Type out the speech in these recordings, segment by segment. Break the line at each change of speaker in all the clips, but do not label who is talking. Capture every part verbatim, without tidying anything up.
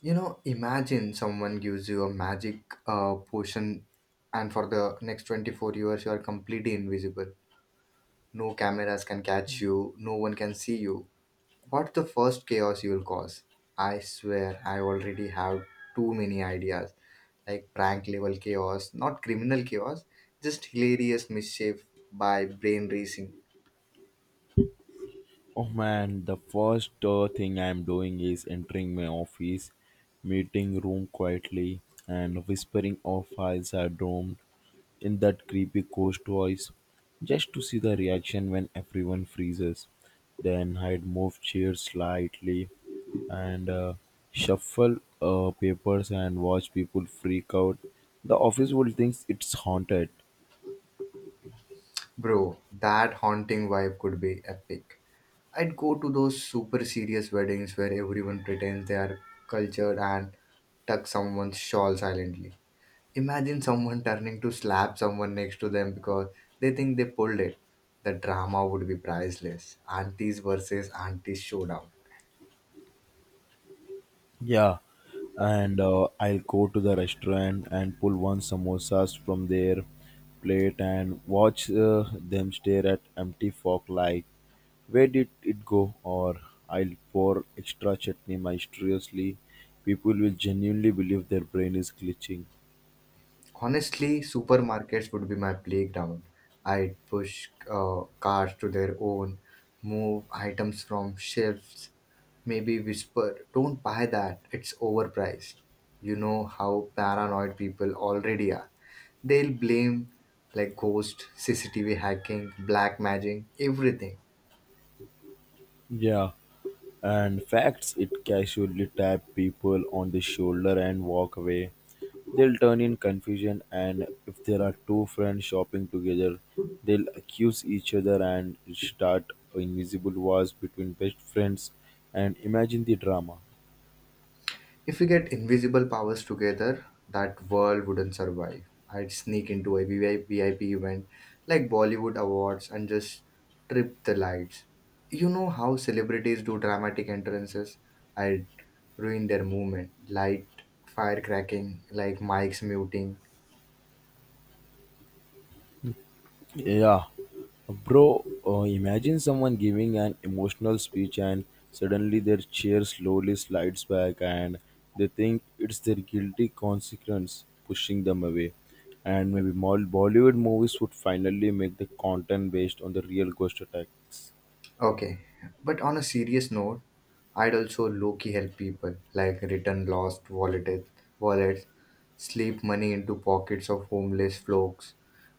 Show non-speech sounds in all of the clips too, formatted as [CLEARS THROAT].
You know, imagine someone gives you a magic uh, potion, and for the next twenty-four years, you are completely invisible. No cameras can catch you, no one can see you. What's the first chaos you will cause? I swear, I already have too many ideas like prank level chaos, not criminal chaos, just hilarious mischief by brain racing.
Oh man, the first uh, thing I'm doing is entering my office meeting room quietly and whispering off files are doomed in that creepy ghost voice just to see the reaction when everyone freezes. Then I'd move chairs slightly and uh, shuffle uh, papers and watch people freak out. The office would think it's haunted.
Bro, that haunting vibe could be epic. I'd go to those super serious weddings where everyone pretends they are cultured and tuck someone's shawl silently. Imagine someone turning to slap someone next to them because they think they pulled it. The drama would be priceless. Aunties versus aunties showdown.
Yeah, and uh, I'll go to the restaurant and pull one samosas from their plate and watch uh, them stare at empty fork like, where did it go? Or I'll pour extra chutney mysteriously. People will genuinely believe their brain is glitching.
Honestly, supermarkets would be my playground. I'd push uh, cars to their own, move items from shelves, maybe whisper, don't buy that, it's overpriced. You know how paranoid people already are. They'll blame like ghost, C C T V hacking, black magic, everything.
Yeah, and facts it casually tap people on the shoulder and walk away. They'll turn in confusion, and if there are two friends shopping together, they'll accuse each other and start invisible wars between best friends. And imagine the drama.
If we get invisible powers together, that world wouldn't survive. I'd sneak into a V I P event like Bollywood Awards and just trip the lights. You know how celebrities do dramatic entrances? I'd ruin their movement, light, fire cracking, like mics muting.
Yeah, bro, uh, imagine someone giving an emotional speech and suddenly their chair slowly slides back, and they think it's their guilty consequence pushing them away. And maybe Mol- Bollywood movies would finally make the content based on the real ghost attacks.
Okay, but on a serious note, I'd also low key help people, like return lost wallet, wallets, slip money into pockets of homeless folks.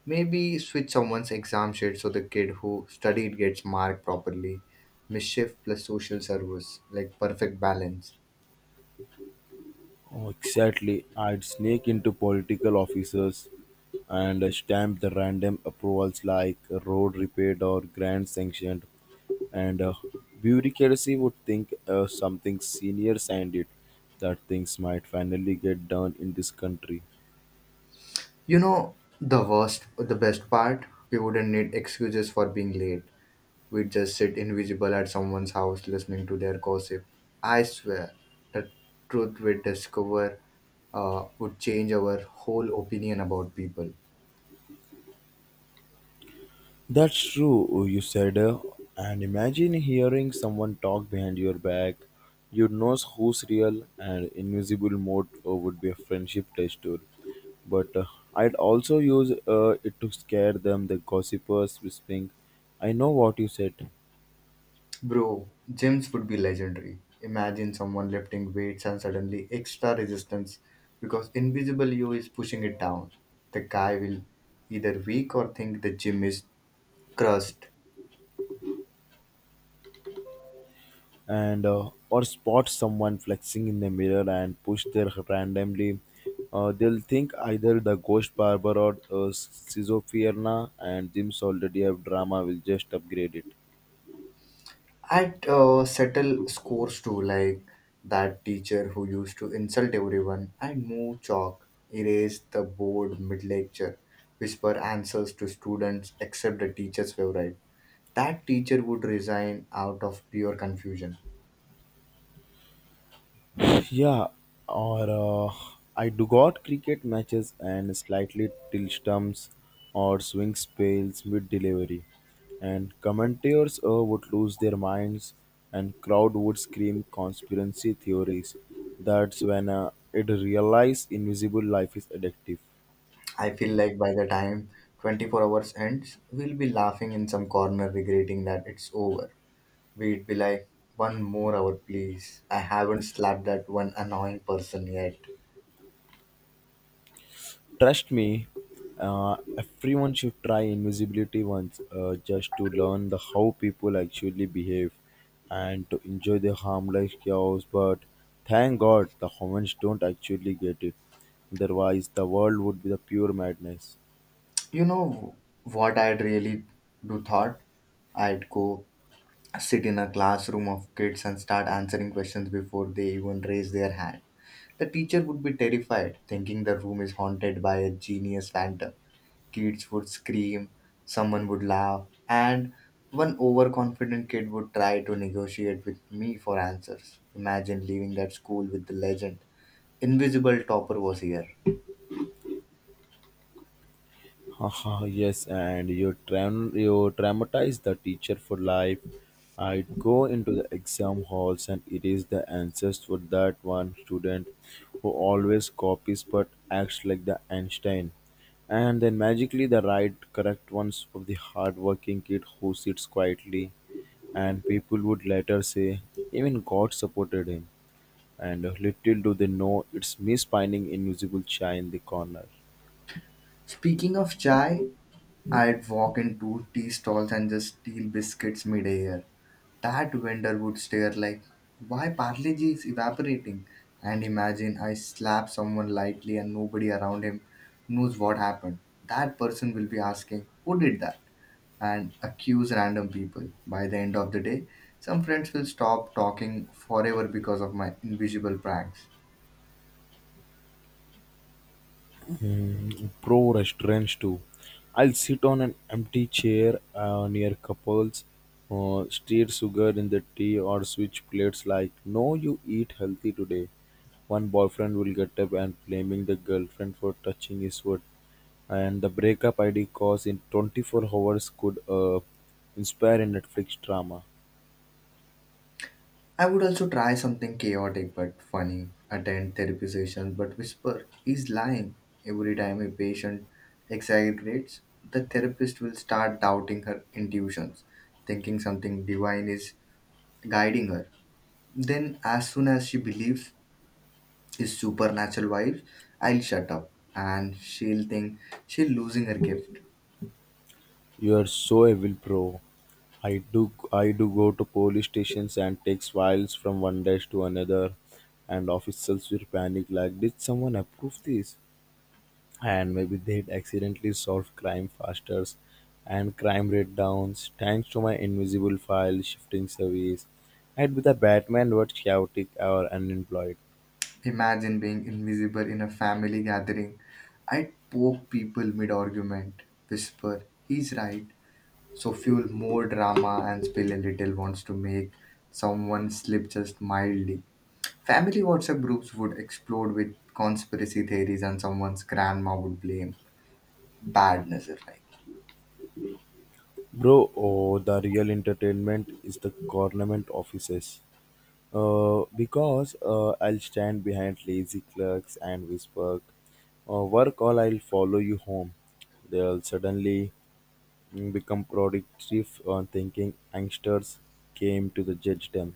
Maybe switch someone's exam sheet so the kid who studied gets marked properly. Mischief plus social service, like perfect balance.
Oh, exactly. I'd sneak into political offices and stamp the random approvals like road repaired or grant sanctioned, and uh, bureaucracy would think uh, something senior signed it. That things might finally get done in this country.
You know, the worst, the best part, we wouldn't need excuses for being late. We'd just sit invisible at someone's house listening to their gossip. I swear, the truth we'd discover uh, would change our whole opinion about people.
That's true. You said uh, and imagine hearing someone talk behind your back. You'd know who's real, and invisible mode uh, would be a friendship test tool. But uh, I'd also use uh, it to scare them, the gossipers whispering, I know what you said.
Bro, gyms would be legendary. Imagine someone lifting weights and suddenly extra resistance because invisible you is pushing it down. The guy will either weak or think the gym is crushed.
And uh, or spot someone flexing in the mirror and push their randomly. Uh, they'll think either the ghost barber or uh, schizophrenia, and gyms already have drama, will just upgrade it.
I'd uh, settle scores too, like that teacher who used to insult everyone. I'd move chalk, erase the board mid lecture, whisper answers to students except the teacher's favorite. That teacher would resign out of pure confusion.
Yeah, or uh, I do got cricket matches and slightly till stumps or swing spells mid delivery, and commentators uh, would lose their minds, and crowd would scream conspiracy theories. That's when uh, it realized invisible life is addictive.
I feel like by the time twenty-four hours ends, we'll be laughing in some corner, regretting that it's over. We'd be like, one more hour, please. I haven't slapped that one annoying person yet.
Trust me, uh, everyone should try invisibility once, uh, just to learn the how people actually behave and to enjoy the harmless chaos. But thank God the humans don't actually get it. Otherwise, the world would be the pure madness.
You know what I'd really do thought? I'd go sit in a classroom of kids and start answering questions before they even raise their hand. The teacher would be terrified, thinking the room is haunted by a genius phantom. Kids would scream, someone would laugh, and one overconfident kid would try to negotiate with me for answers. Imagine leaving that school with the legend. Invisible topper was here.
Haha, yes, and you traum you traumatize the teacher for life. I'd go into the exam halls and it is the answers for that one student who always copies but acts like the Einstein. And then magically the right correct ones of the hardworking kid who sits quietly, and people would later say even God supported him. And little do they know it's me spinning invisible chai in the corner.
Speaking of chai, I'd walk into tea stalls and just steal biscuits midair. That vendor would stare like, why Parle G is evaporating? And imagine I slap someone lightly and nobody around him knows what happened. That person will be asking, who did that? And accuse random people. By the end of the day, some friends will stop talking forever because of my invisible pranks.
Mm, pro restaurants too. I'll sit on an empty chair uh, near couples, uh, stir sugar in the tea, or switch plates like, no, you eat healthy today. One boyfriend will get up and blaming the girlfriend for touching his foot. And the breakup I D course in twenty-four hours could uh, inspire a Netflix drama.
I would also try something chaotic but funny, attend therapy sessions but whisper, he's lying. Every time a patient exaggerates, the therapist will start doubting her intuitions, thinking something divine is guiding her. Then, as soon as she believes his supernatural vibes, I'll shut up and she'll think she's losing her gift.
You're so evil, bro. I do I do go to police stations and takes files from one desk to another, and officials will panic like, did someone approve this? And maybe they'd accidentally solve crime faster, and crime rate downs thanks to my invisible file shifting service. I'd be the Batman, but chaotic or unemployed.
Imagine being invisible in a family gathering. I'd poke people mid argument, whisper, he's right, so fuel more drama and spill a little wants to make someone slip just mildly. Family WhatsApp groups would explode with conspiracy theories and someone's grandma would blame badness if like.
Bro, oh, the real entertainment is the government offices. Uh, because uh, I'll stand behind lazy clerks and whisper, uh, work or I'll follow you home. They'll suddenly mm, become productive on thinking youngsters came to the judge them.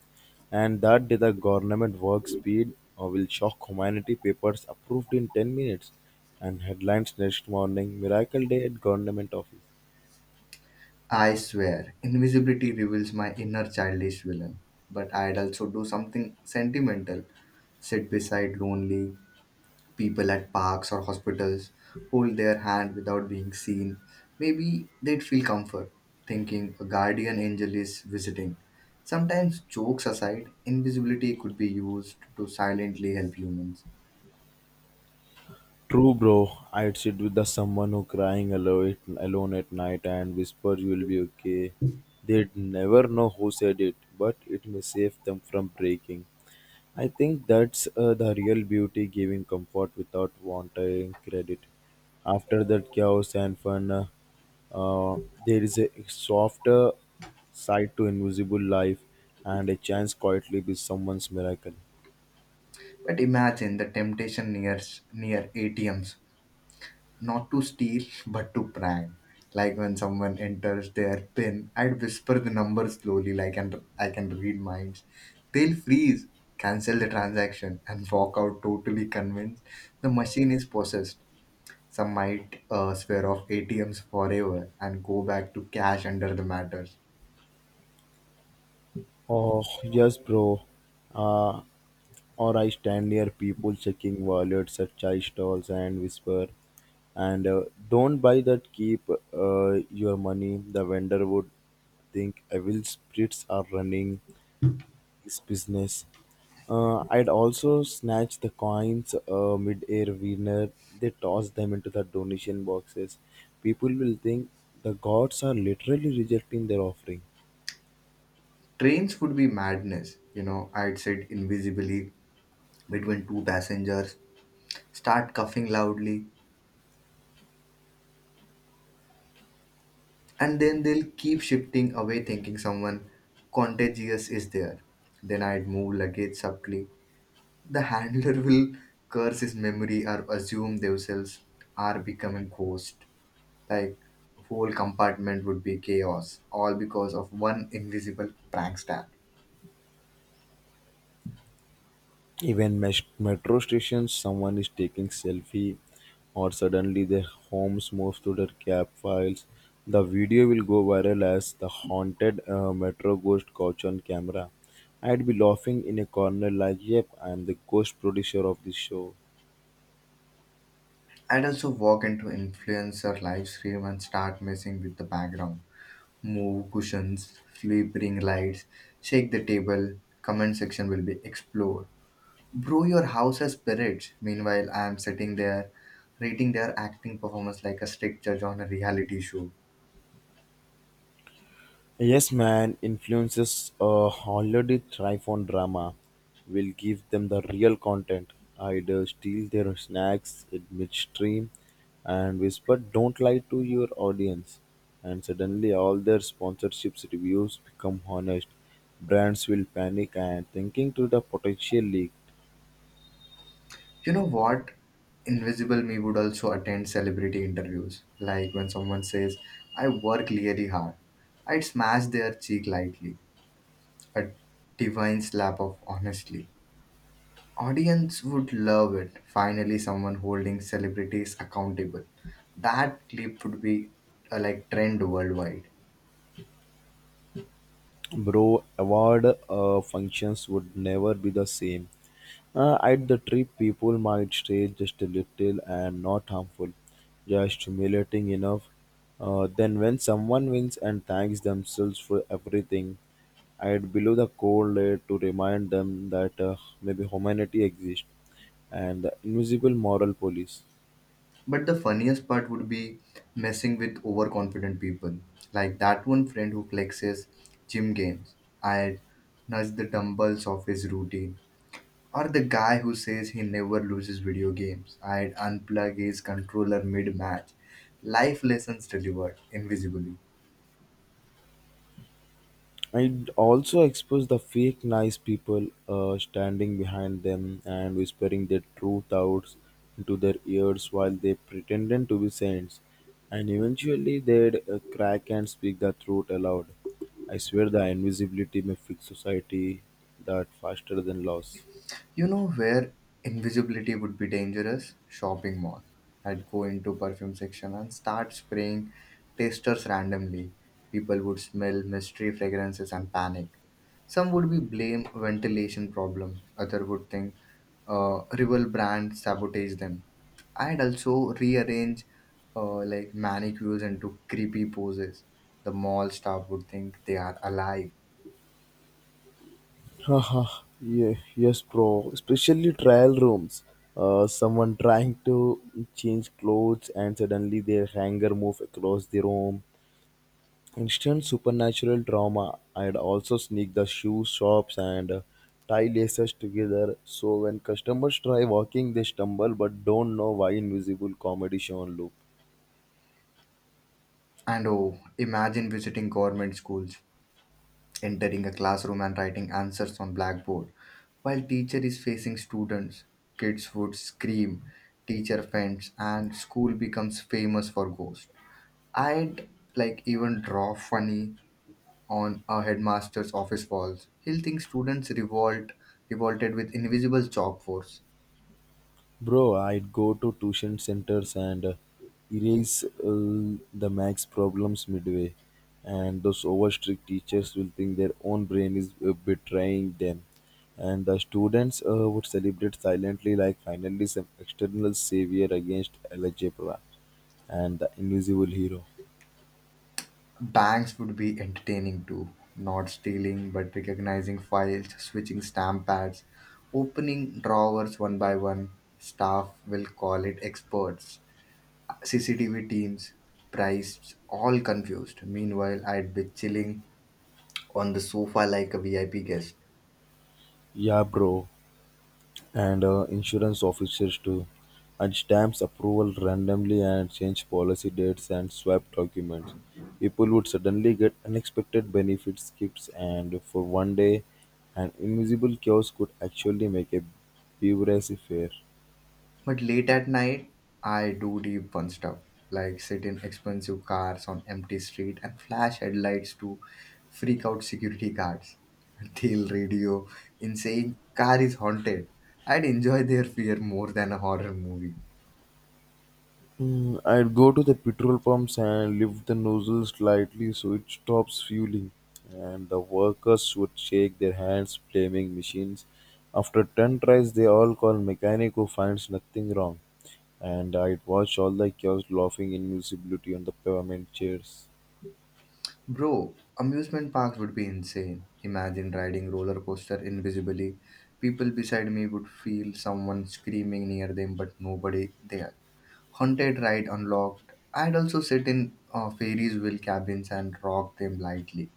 And that day the government work speed uh, will shock humanity, papers approved in ten minutes, and headlines next morning, miracle day at government office.
I swear, invisibility reveals my inner childish villain. But I'd also do something sentimental, sit beside lonely people at parks or hospitals, hold their hand without being seen. Maybe they'd feel comfort, thinking a guardian angel is visiting. Sometimes, jokes aside, invisibility could be used to silently help humans.
True, bro. I'd sit with the someone who crying alone, alone at night and whisper, "You'll be okay." They'd never know who said it, but it may save them from breaking. I think that's uh, the real beauty, giving comfort without wanting credit. After that chaos and fun, uh, uh, there is a softer side to invisible life and a chance quietly be someone's miracle.
But imagine the temptation near, near A T Ms, not to steal but to prank, like when someone enters their pin. I'd whisper the number slowly like, and I can read minds. They'll freeze, cancel the transaction and walk out totally convinced the machine is possessed. Some might uh, swear off ATMs forever and go back to cash under the matters.
Oh, yes, bro. Uh, or I stand near people checking wallets at chai stalls and whisper, and uh, don't buy that, keep uh, your money. The vendor would think evil spirits are running this business. Uh, I'd also snatch the coins uh, mid-air winner. They toss them into the donation boxes. People will think the gods are literally rejecting their offering.
Trains would be madness, you know. I'd sit invisibly between two passengers, start coughing loudly, and then they'll keep shifting away thinking someone contagious is there. Then I'd move luggage subtly. The handler [LAUGHS] will curse his memory or assume themselves are becoming ghost like. Whole compartment would be chaos, all because of one invisible prankster.
Even mes- metro stations, someone is taking selfie, or suddenly their homes moves to their cab files. The video will go viral as the haunted uh, metro ghost couch on camera. I'd be laughing in a corner like, "Yep, I am the ghost producer of this show."
I'd also walk into influencer live stream and start messing with the background, move cushions, flip ring lights, shake the table. Comment section will be explored. Brew your house as spirits. Meanwhile, I am sitting there rating their acting performance like a strict judge on a reality show.
Yes, man, influences uh, already thrive on drama. We'll give them the real content. I'd uh, steal their snacks in midstream and whisper, don't lie to your audience. And suddenly, all their sponsorships reviews become honest. Brands will panic and thinking to the potential leak.
You know what? Invisible me would also attend celebrity interviews. Like when someone says, I work really hard, I'd smash their cheek lightly. A divine slap of honestly. Audience would love it. Finally, someone holding celebrities accountable. That clip would be uh, like trend worldwide.
Bro, award uh, functions would never be the same. Uh, at the trip people might stay just a little and not harmful, just humiliating enough. Uh, then when someone wins and thanks themselves for everything, I'd below the cold layer to remind them that uh, maybe humanity exists, and the invisible moral police.
But the funniest part would be messing with overconfident people, like that one friend who flexes gym gains. I'd nudge the dumbbells off his routine. Or the guy who says he never loses video games. I'd unplug his controller mid match. Life lessons delivered invisibly.
It also exposed the fake nice people uh, standing behind them and whispering their truth out into their ears while they pretended to be saints. And eventually they'd uh, crack and speak the truth aloud. I swear the invisibility may fix society that faster than loss.
You know where invisibility would be dangerous? Shopping mall. I'd go into perfume section and start spraying tasters randomly. People would smell mystery fragrances and panic. Some would be blame ventilation problems. Other would think uh, rival brand sabotage them. I'd also rearrange uh, like manicures into creepy poses. The mall staff would think they are alive.
Haha, yeah, yes, bro. Especially trial rooms. Uh, someone trying to change clothes and suddenly their hanger move across the room. Instant supernatural drama. I'd also sneak the shoe shops and uh, tie laces together so when customers try walking, they stumble but don't know why. Invisible comedy show on loop.
And oh, imagine visiting government schools, entering a classroom and writing answers on blackboard while teacher is facing students. Kids would scream, teacher faints and school becomes famous for ghosts. I'd like even draw funny on a headmaster's office walls. He'll think students revolt revolted with invisible chalk force.
Bro, I'd go to tuition centers and uh, erase uh, the max problems midway, and those over strict teachers will think their own brain is uh, betraying them, and the students uh, would celebrate silently like finally some external savior against algebra and the invisible hero.
Banks would be entertaining too, not stealing but recognizing files, switching stamp pads, opening drawers one by one. Staff will call it experts. C C T V teams, priced, all confused. Meanwhile, I'd be chilling on the sofa like a V I P guest.
Yeah, bro. And uh, insurance officers too, and stamps approval randomly and change policy dates and swap documents. People would suddenly get unexpected benefits, gifts, and for one day, an invisible chaos could actually make a beverage fair.
But late at night, I do deep fun stuff like sit in expensive cars on empty street and flash headlights to freak out security guards. [LAUGHS] Tell radio in saying car is haunted. I'd enjoy their fear more than a horror movie.
Mm, I'd go to the petrol pumps and lift the nozzle slightly so it stops fueling, and the workers would shake their hands, blaming machines. After ten tries, they all call mechanic who finds nothing wrong. And I'd watch all the chaos laughing invisibility on the pyramid chairs.
Bro, amusement parks would be insane. Imagine riding roller coaster invisibly. People beside me would feel someone screaming near them, but nobody there. Haunted ride unlocked. I'd also sit in uh, Fairies Wheel cabins and rock them lightly.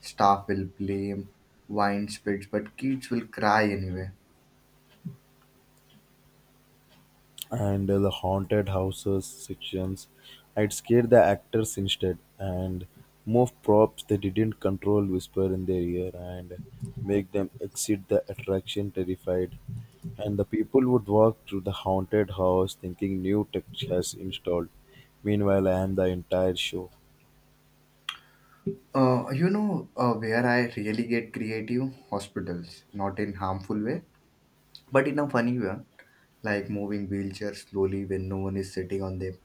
Staff will blame wine spits, but kids will cry anyway.
And uh, the haunted houses sections. I'd scare the actors instead and move props they didn't control, whisper in their ear, and make them exit the attraction terrified. And the people would walk through the haunted house thinking new tech has installed. Meanwhile, I am the entire show.
Uh, you know uh, where I really get creative? Hospitals. Not in harmful way, but in a funny way. Like moving wheelchairs slowly when no one is sitting on them,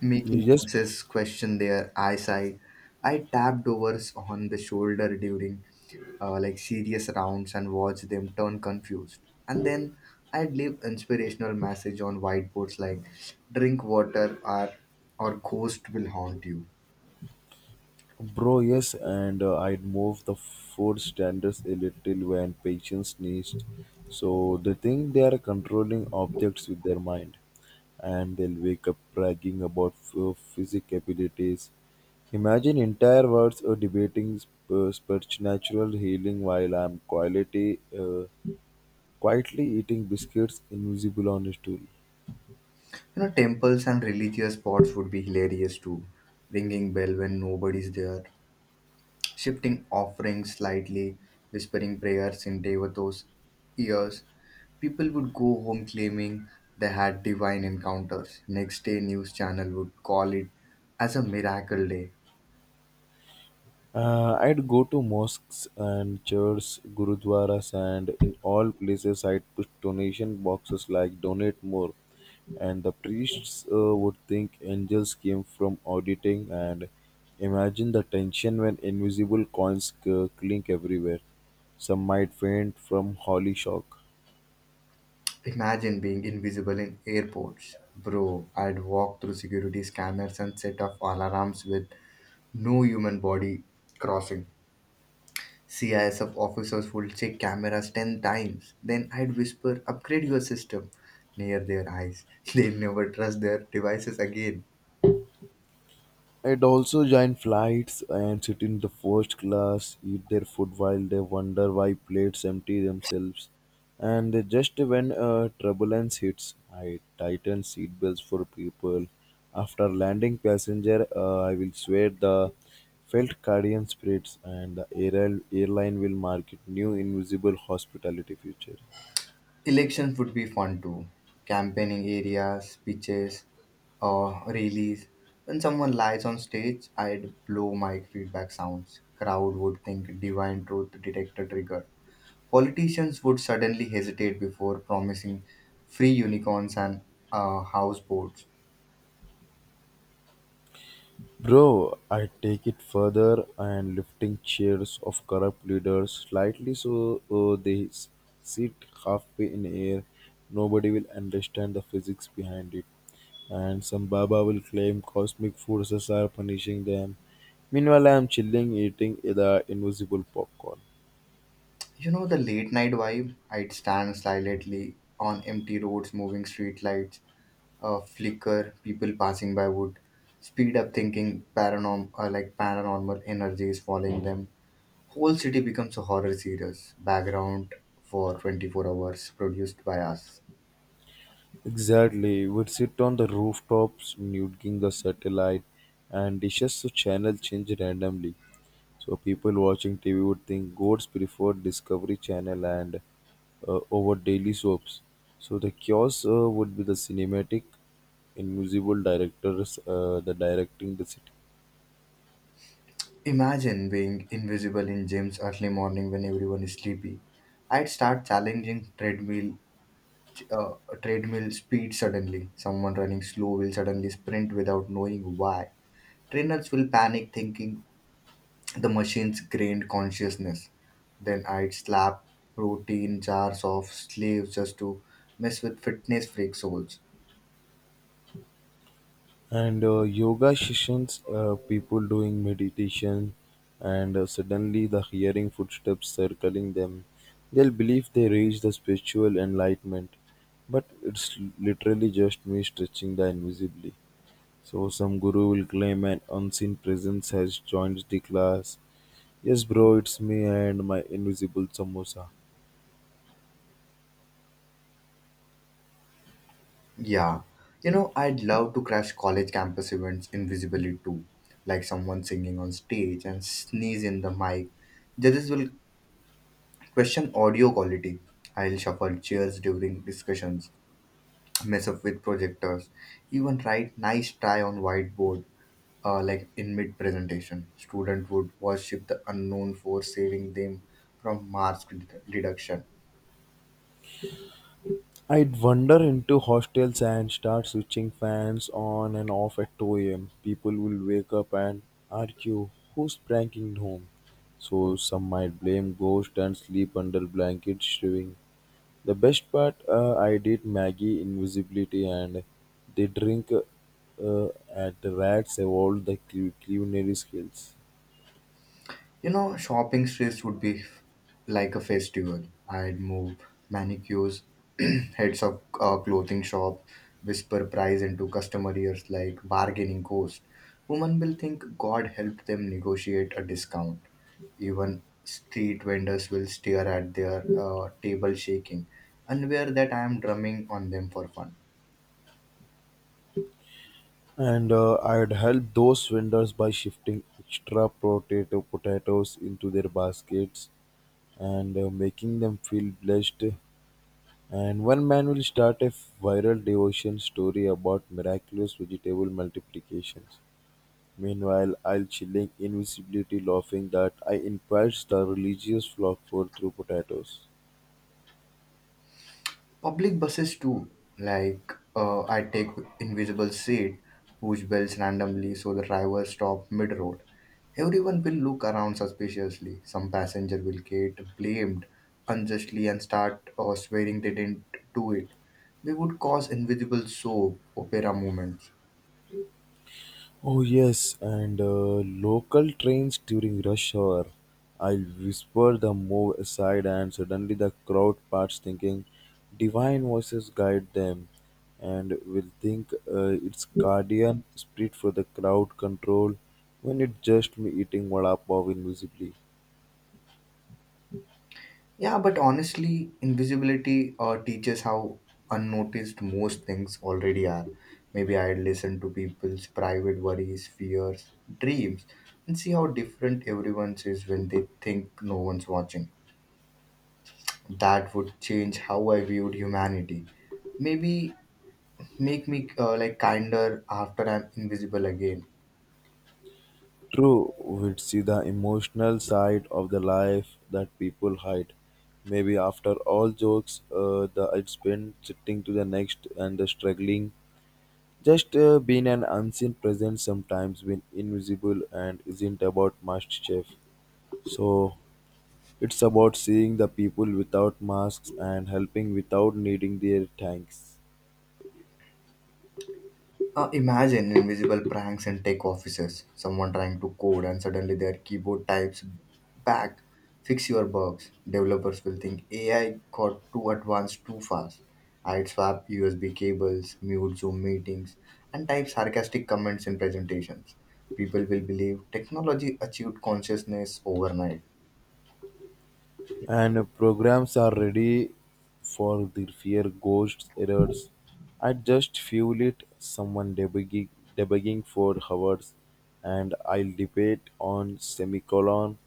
making
You just.
nurses question their eyesight. I tapped over on the shoulder during uh, like serious rounds and watched them turn confused. And then I'd leave inspirational message on whiteboards like drink water or or ghost will haunt you.
Bro, yes, and uh, I'd move the food standards a little when patients sneezed. So they think they are controlling objects with their mind, and they'll wake up bragging about ph- physic abilities. Imagine entire worlds are debating sp- uh, supernatural healing while I'm quietly, uh, quietly eating biscuits invisible on a stool.
You know, temples and religious spots would be hilarious too. Ringing bell when nobody's there, shifting offerings slightly, whispering prayers in Devato's ears. People would go home claiming they had divine encounters. Next day, news channel would call it as a miracle day.
Uh, I'd go to mosques and churches, gurudwaras, and in all places I'd put donation boxes like donate more. And the priests uh, would think angels came from auditing, and imagine the tension when invisible coins c- clink everywhere. Some might faint from holy shock.
Imagine being invisible in airports. Bro, I'd walk through security scanners and set off alarms with no human body crossing. C I S F officers would check cameras ten times. Then I'd whisper, upgrade your system near their eyes. [LAUGHS] They never trust their devices again.
It also joins flights and sit in the first class, eat their food while they wonder why plates empty themselves. And they just when uh, turbulence hits, I tighten seatbelts for people. After landing passenger, uh, I will swear the felt guardian spirits, and the air- airline will market new invisible hospitality feature.
Elections would be fun too. Campaigning areas, speeches, or rallies. When someone lies on stage, I'd blow mic feedback sounds. Crowd would think divine truth detector triggered. Politicians would suddenly hesitate before promising free unicorns and uh, houseboats.
Bro, I take it further and lifting chairs of corrupt leaders slightly so uh, they s- sit halfway in air. Nobody will understand the physics behind it, and some Baba will claim cosmic forces are punishing them. Meanwhile, I am chilling eating the invisible popcorn.
You know the late night vibe? I'd stand silently on empty roads, moving street lights uh, flicker. People passing by would speed up thinking paranorm- uh, like paranormal energy is following them. Whole city becomes a horror series, background for twenty-four hours produced by us.
Exactly, we'd sit on the rooftops, nuking the satellite, and dishes to channel change randomly. So people watching T V would think goats prefer Discovery Channel and uh, over daily soaps. So the chaos uh, would be the cinematic, invisible directors, uh, the directing the city.
Imagine being invisible in gyms early morning when everyone is sleepy. I'd start challenging treadmill uh, a treadmill speed suddenly. Someone running slow will suddenly sprint without knowing why. Trainers will panic thinking the machine's gained consciousness. Then I'd slap protein jars of slaves just to mess with fitness freak souls.
And uh, yoga sessions, uh, people doing meditation, and uh, suddenly the hearing footsteps circling them. They'll believe they reach the spiritual enlightenment, but it's literally just me stretching the invisibly. So some guru will claim an unseen presence has joined the class. Yes, bro, it's me and my invisible samosa.
Yeah. You know, I'd love to crash college campus events invisibly too, like someone singing on stage and sneeze in the mic. Judges will question audio quality. I'll shuffle chairs during discussions, mess up with projectors, even write nice try on whiteboard uh, like in mid presentation. Student would worship the unknown for saving them from marks redu- reduction.
I'd wander into hostels and start switching fans on and off at two a m. People will wake up and argue who's pranking whom. So some might blame ghost and sleep under blankets shivering. The best part, uh, I did Maggie invisibility, and they drink uh, at the rats evolved the cu- culinary skills.
You know, shopping streets would be f- like a festival. I'd move manicures, [CLEARS THROAT] heads of uh, clothing shop, whisper price into customer ears like bargaining ghost. Women will think God helped them negotiate a discount. Even street vendors will stare at their uh, table shaking, unaware that I am drumming on them for fun.
And uh, I'd help those vendors by shifting extra potato potatoes into their baskets and uh, making them feel blessed. And one man will start a viral devotion story about miraculous vegetable multiplications. Meanwhile, I'll chilling invisibly laughing that I encouraged the religious flock for through potatoes.
Public buses too, like uh, I take invisible seat, push bells randomly so the driver stop mid-road. Everyone will look around suspiciously. Some passenger will get blamed unjustly and start uh, swearing they didn't do it. They would cause invisible soap opera moments.
Oh yes, and uh, local trains during rush hour. I'll whisper the move aside, and suddenly the crowd parts thinking, divine voices guide them, and will think uh, it's guardian spirit for the crowd control, when it's just me eating vada pav invisibly.
Yeah, but honestly, invisibility uh, teaches how unnoticed most things already are. Maybe I'd listen to people's private worries, fears, dreams, and see how different everyone's is when they think no one's watching. That would change how I viewed humanity. Maybe make me uh, like kinder after I'm invisible again.
True, we'd see the emotional side of the life that people hide. Maybe after all jokes, uh, the I'd spend sitting to the next and the struggling. Just uh, being an unseen presence sometimes when invisible and isn't about master chef. So it's about seeing the people without masks and helping without needing their thanks.
Uh, imagine invisible pranks and tech offices. Someone trying to code and suddenly their keyboard types back, fix your bugs. Developers will think A I got too advanced too fast. I'd swap U S B cables, mute Zoom meetings, and type sarcastic comments in presentations. People will believe technology achieved consciousness overnight.
And programs are ready for the fear ghost errors. I just fuel it, someone debugging, debugging for hours, and I'll debate on semicolon.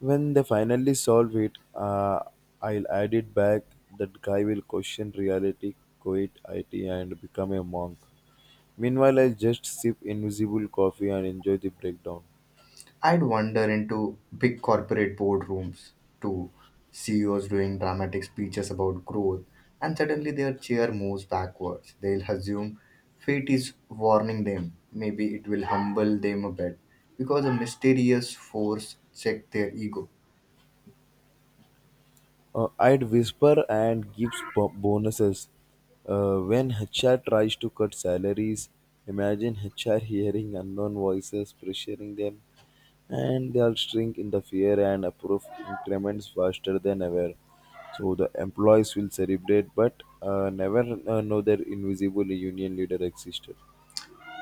When they finally solve it, uh, I'll add it back. That guy will question reality, quit I T, and become a monk. Meanwhile, I'll just sip invisible coffee and enjoy the breakdown.
I'd wander into big corporate boardrooms to C E Os doing dramatic speeches about growth, and suddenly their chair moves backwards. They'll assume fate is warning them. Maybe it will humble them a bit because a mysterious force checked their ego.
Uh, I'd whisper and give bo- bonuses. Uh, when H R tries to cut salaries, imagine H R hearing unknown voices pressuring them, and they'll shrink in the fear and approve increments faster than ever. So the employees will celebrate, but uh, never uh, know their invisible union leader existed.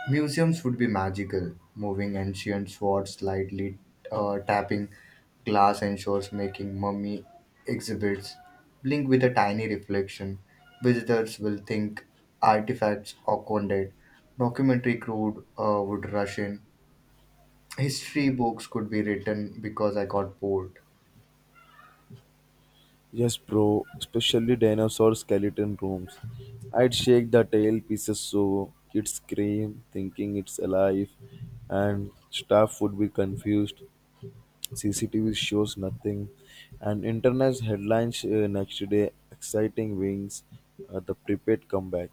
Museums would be magical, moving ancient swords slightly, uh, tapping glass ensures, making mummy exhibits blink with a tiny reflection. Visitors will think artifacts awkwarded. Documentary crew uh, would rush in. History books could be written because I got bored.
Yes, bro, especially dinosaur skeleton rooms. I'd shake the tail pieces so kids scream, thinking it's alive, and staff would be confused. C C T V shows nothing, and internet headlines uh, next day exciting wings, uh, the prepaid comeback.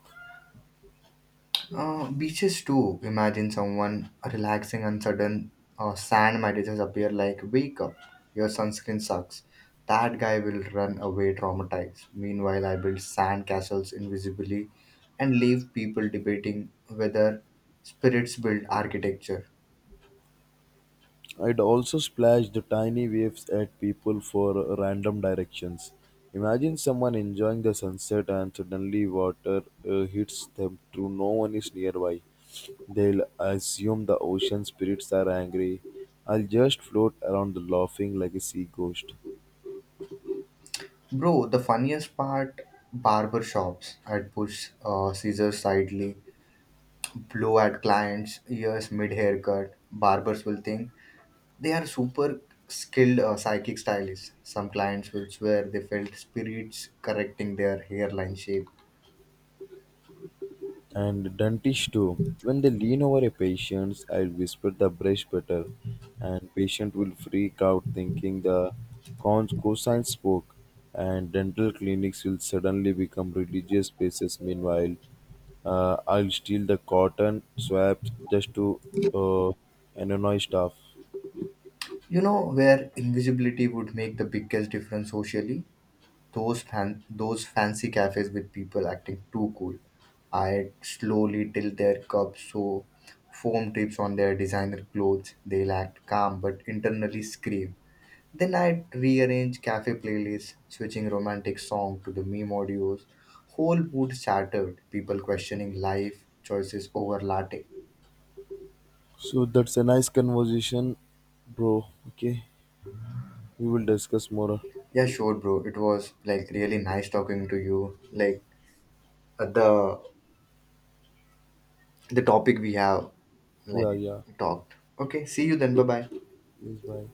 Uh, beaches too. Imagine someone relaxing and sudden uh, sand messages appear like, wake up, your sunscreen sucks. That guy will run away traumatized. Meanwhile, I build sand castles invisibly and leave people debating whether spirits build architecture.
I'd also splash the tiny waves at people for uh, random directions. Imagine someone enjoying the sunset and suddenly water uh, hits them through no one is nearby. They'll assume the ocean spirits are angry. I'll just float around laughing like a sea ghost.
Bro, the funniest part, barber shops. I'd push uh, scissors slightly, blow at clients' ears mid haircut. Barbers will think they are super skilled uh, psychic stylists. Some clients will swear they felt spirits correcting their hairline shape.
And dentists too. When they lean over a patient, I'll whisper the brush better, and patient will freak out thinking the cons cosine spoke, and dental clinics will suddenly become religious places. Meanwhile, uh, I'll steal the cotton swabs just to uh, annoy staff.
You know where invisibility would make the biggest difference socially? Those fan- those fancy cafes with people acting too cool. I slowly tilt their cups so foam tips on their designer clothes. They'll act calm but internally scream. Then I'd rearrange cafe playlists, switching romantic song to the meme audios. Whole mood shattered, people questioning life choices over latte.
So that's a nice conversation, bro. Okay, we will discuss more.
Yeah, sure, bro. It was like really nice talking to you. Like uh, the the topic we have like
Yeah, yeah.
talked. Okay, see you then. Bye bye.
Yes, bye.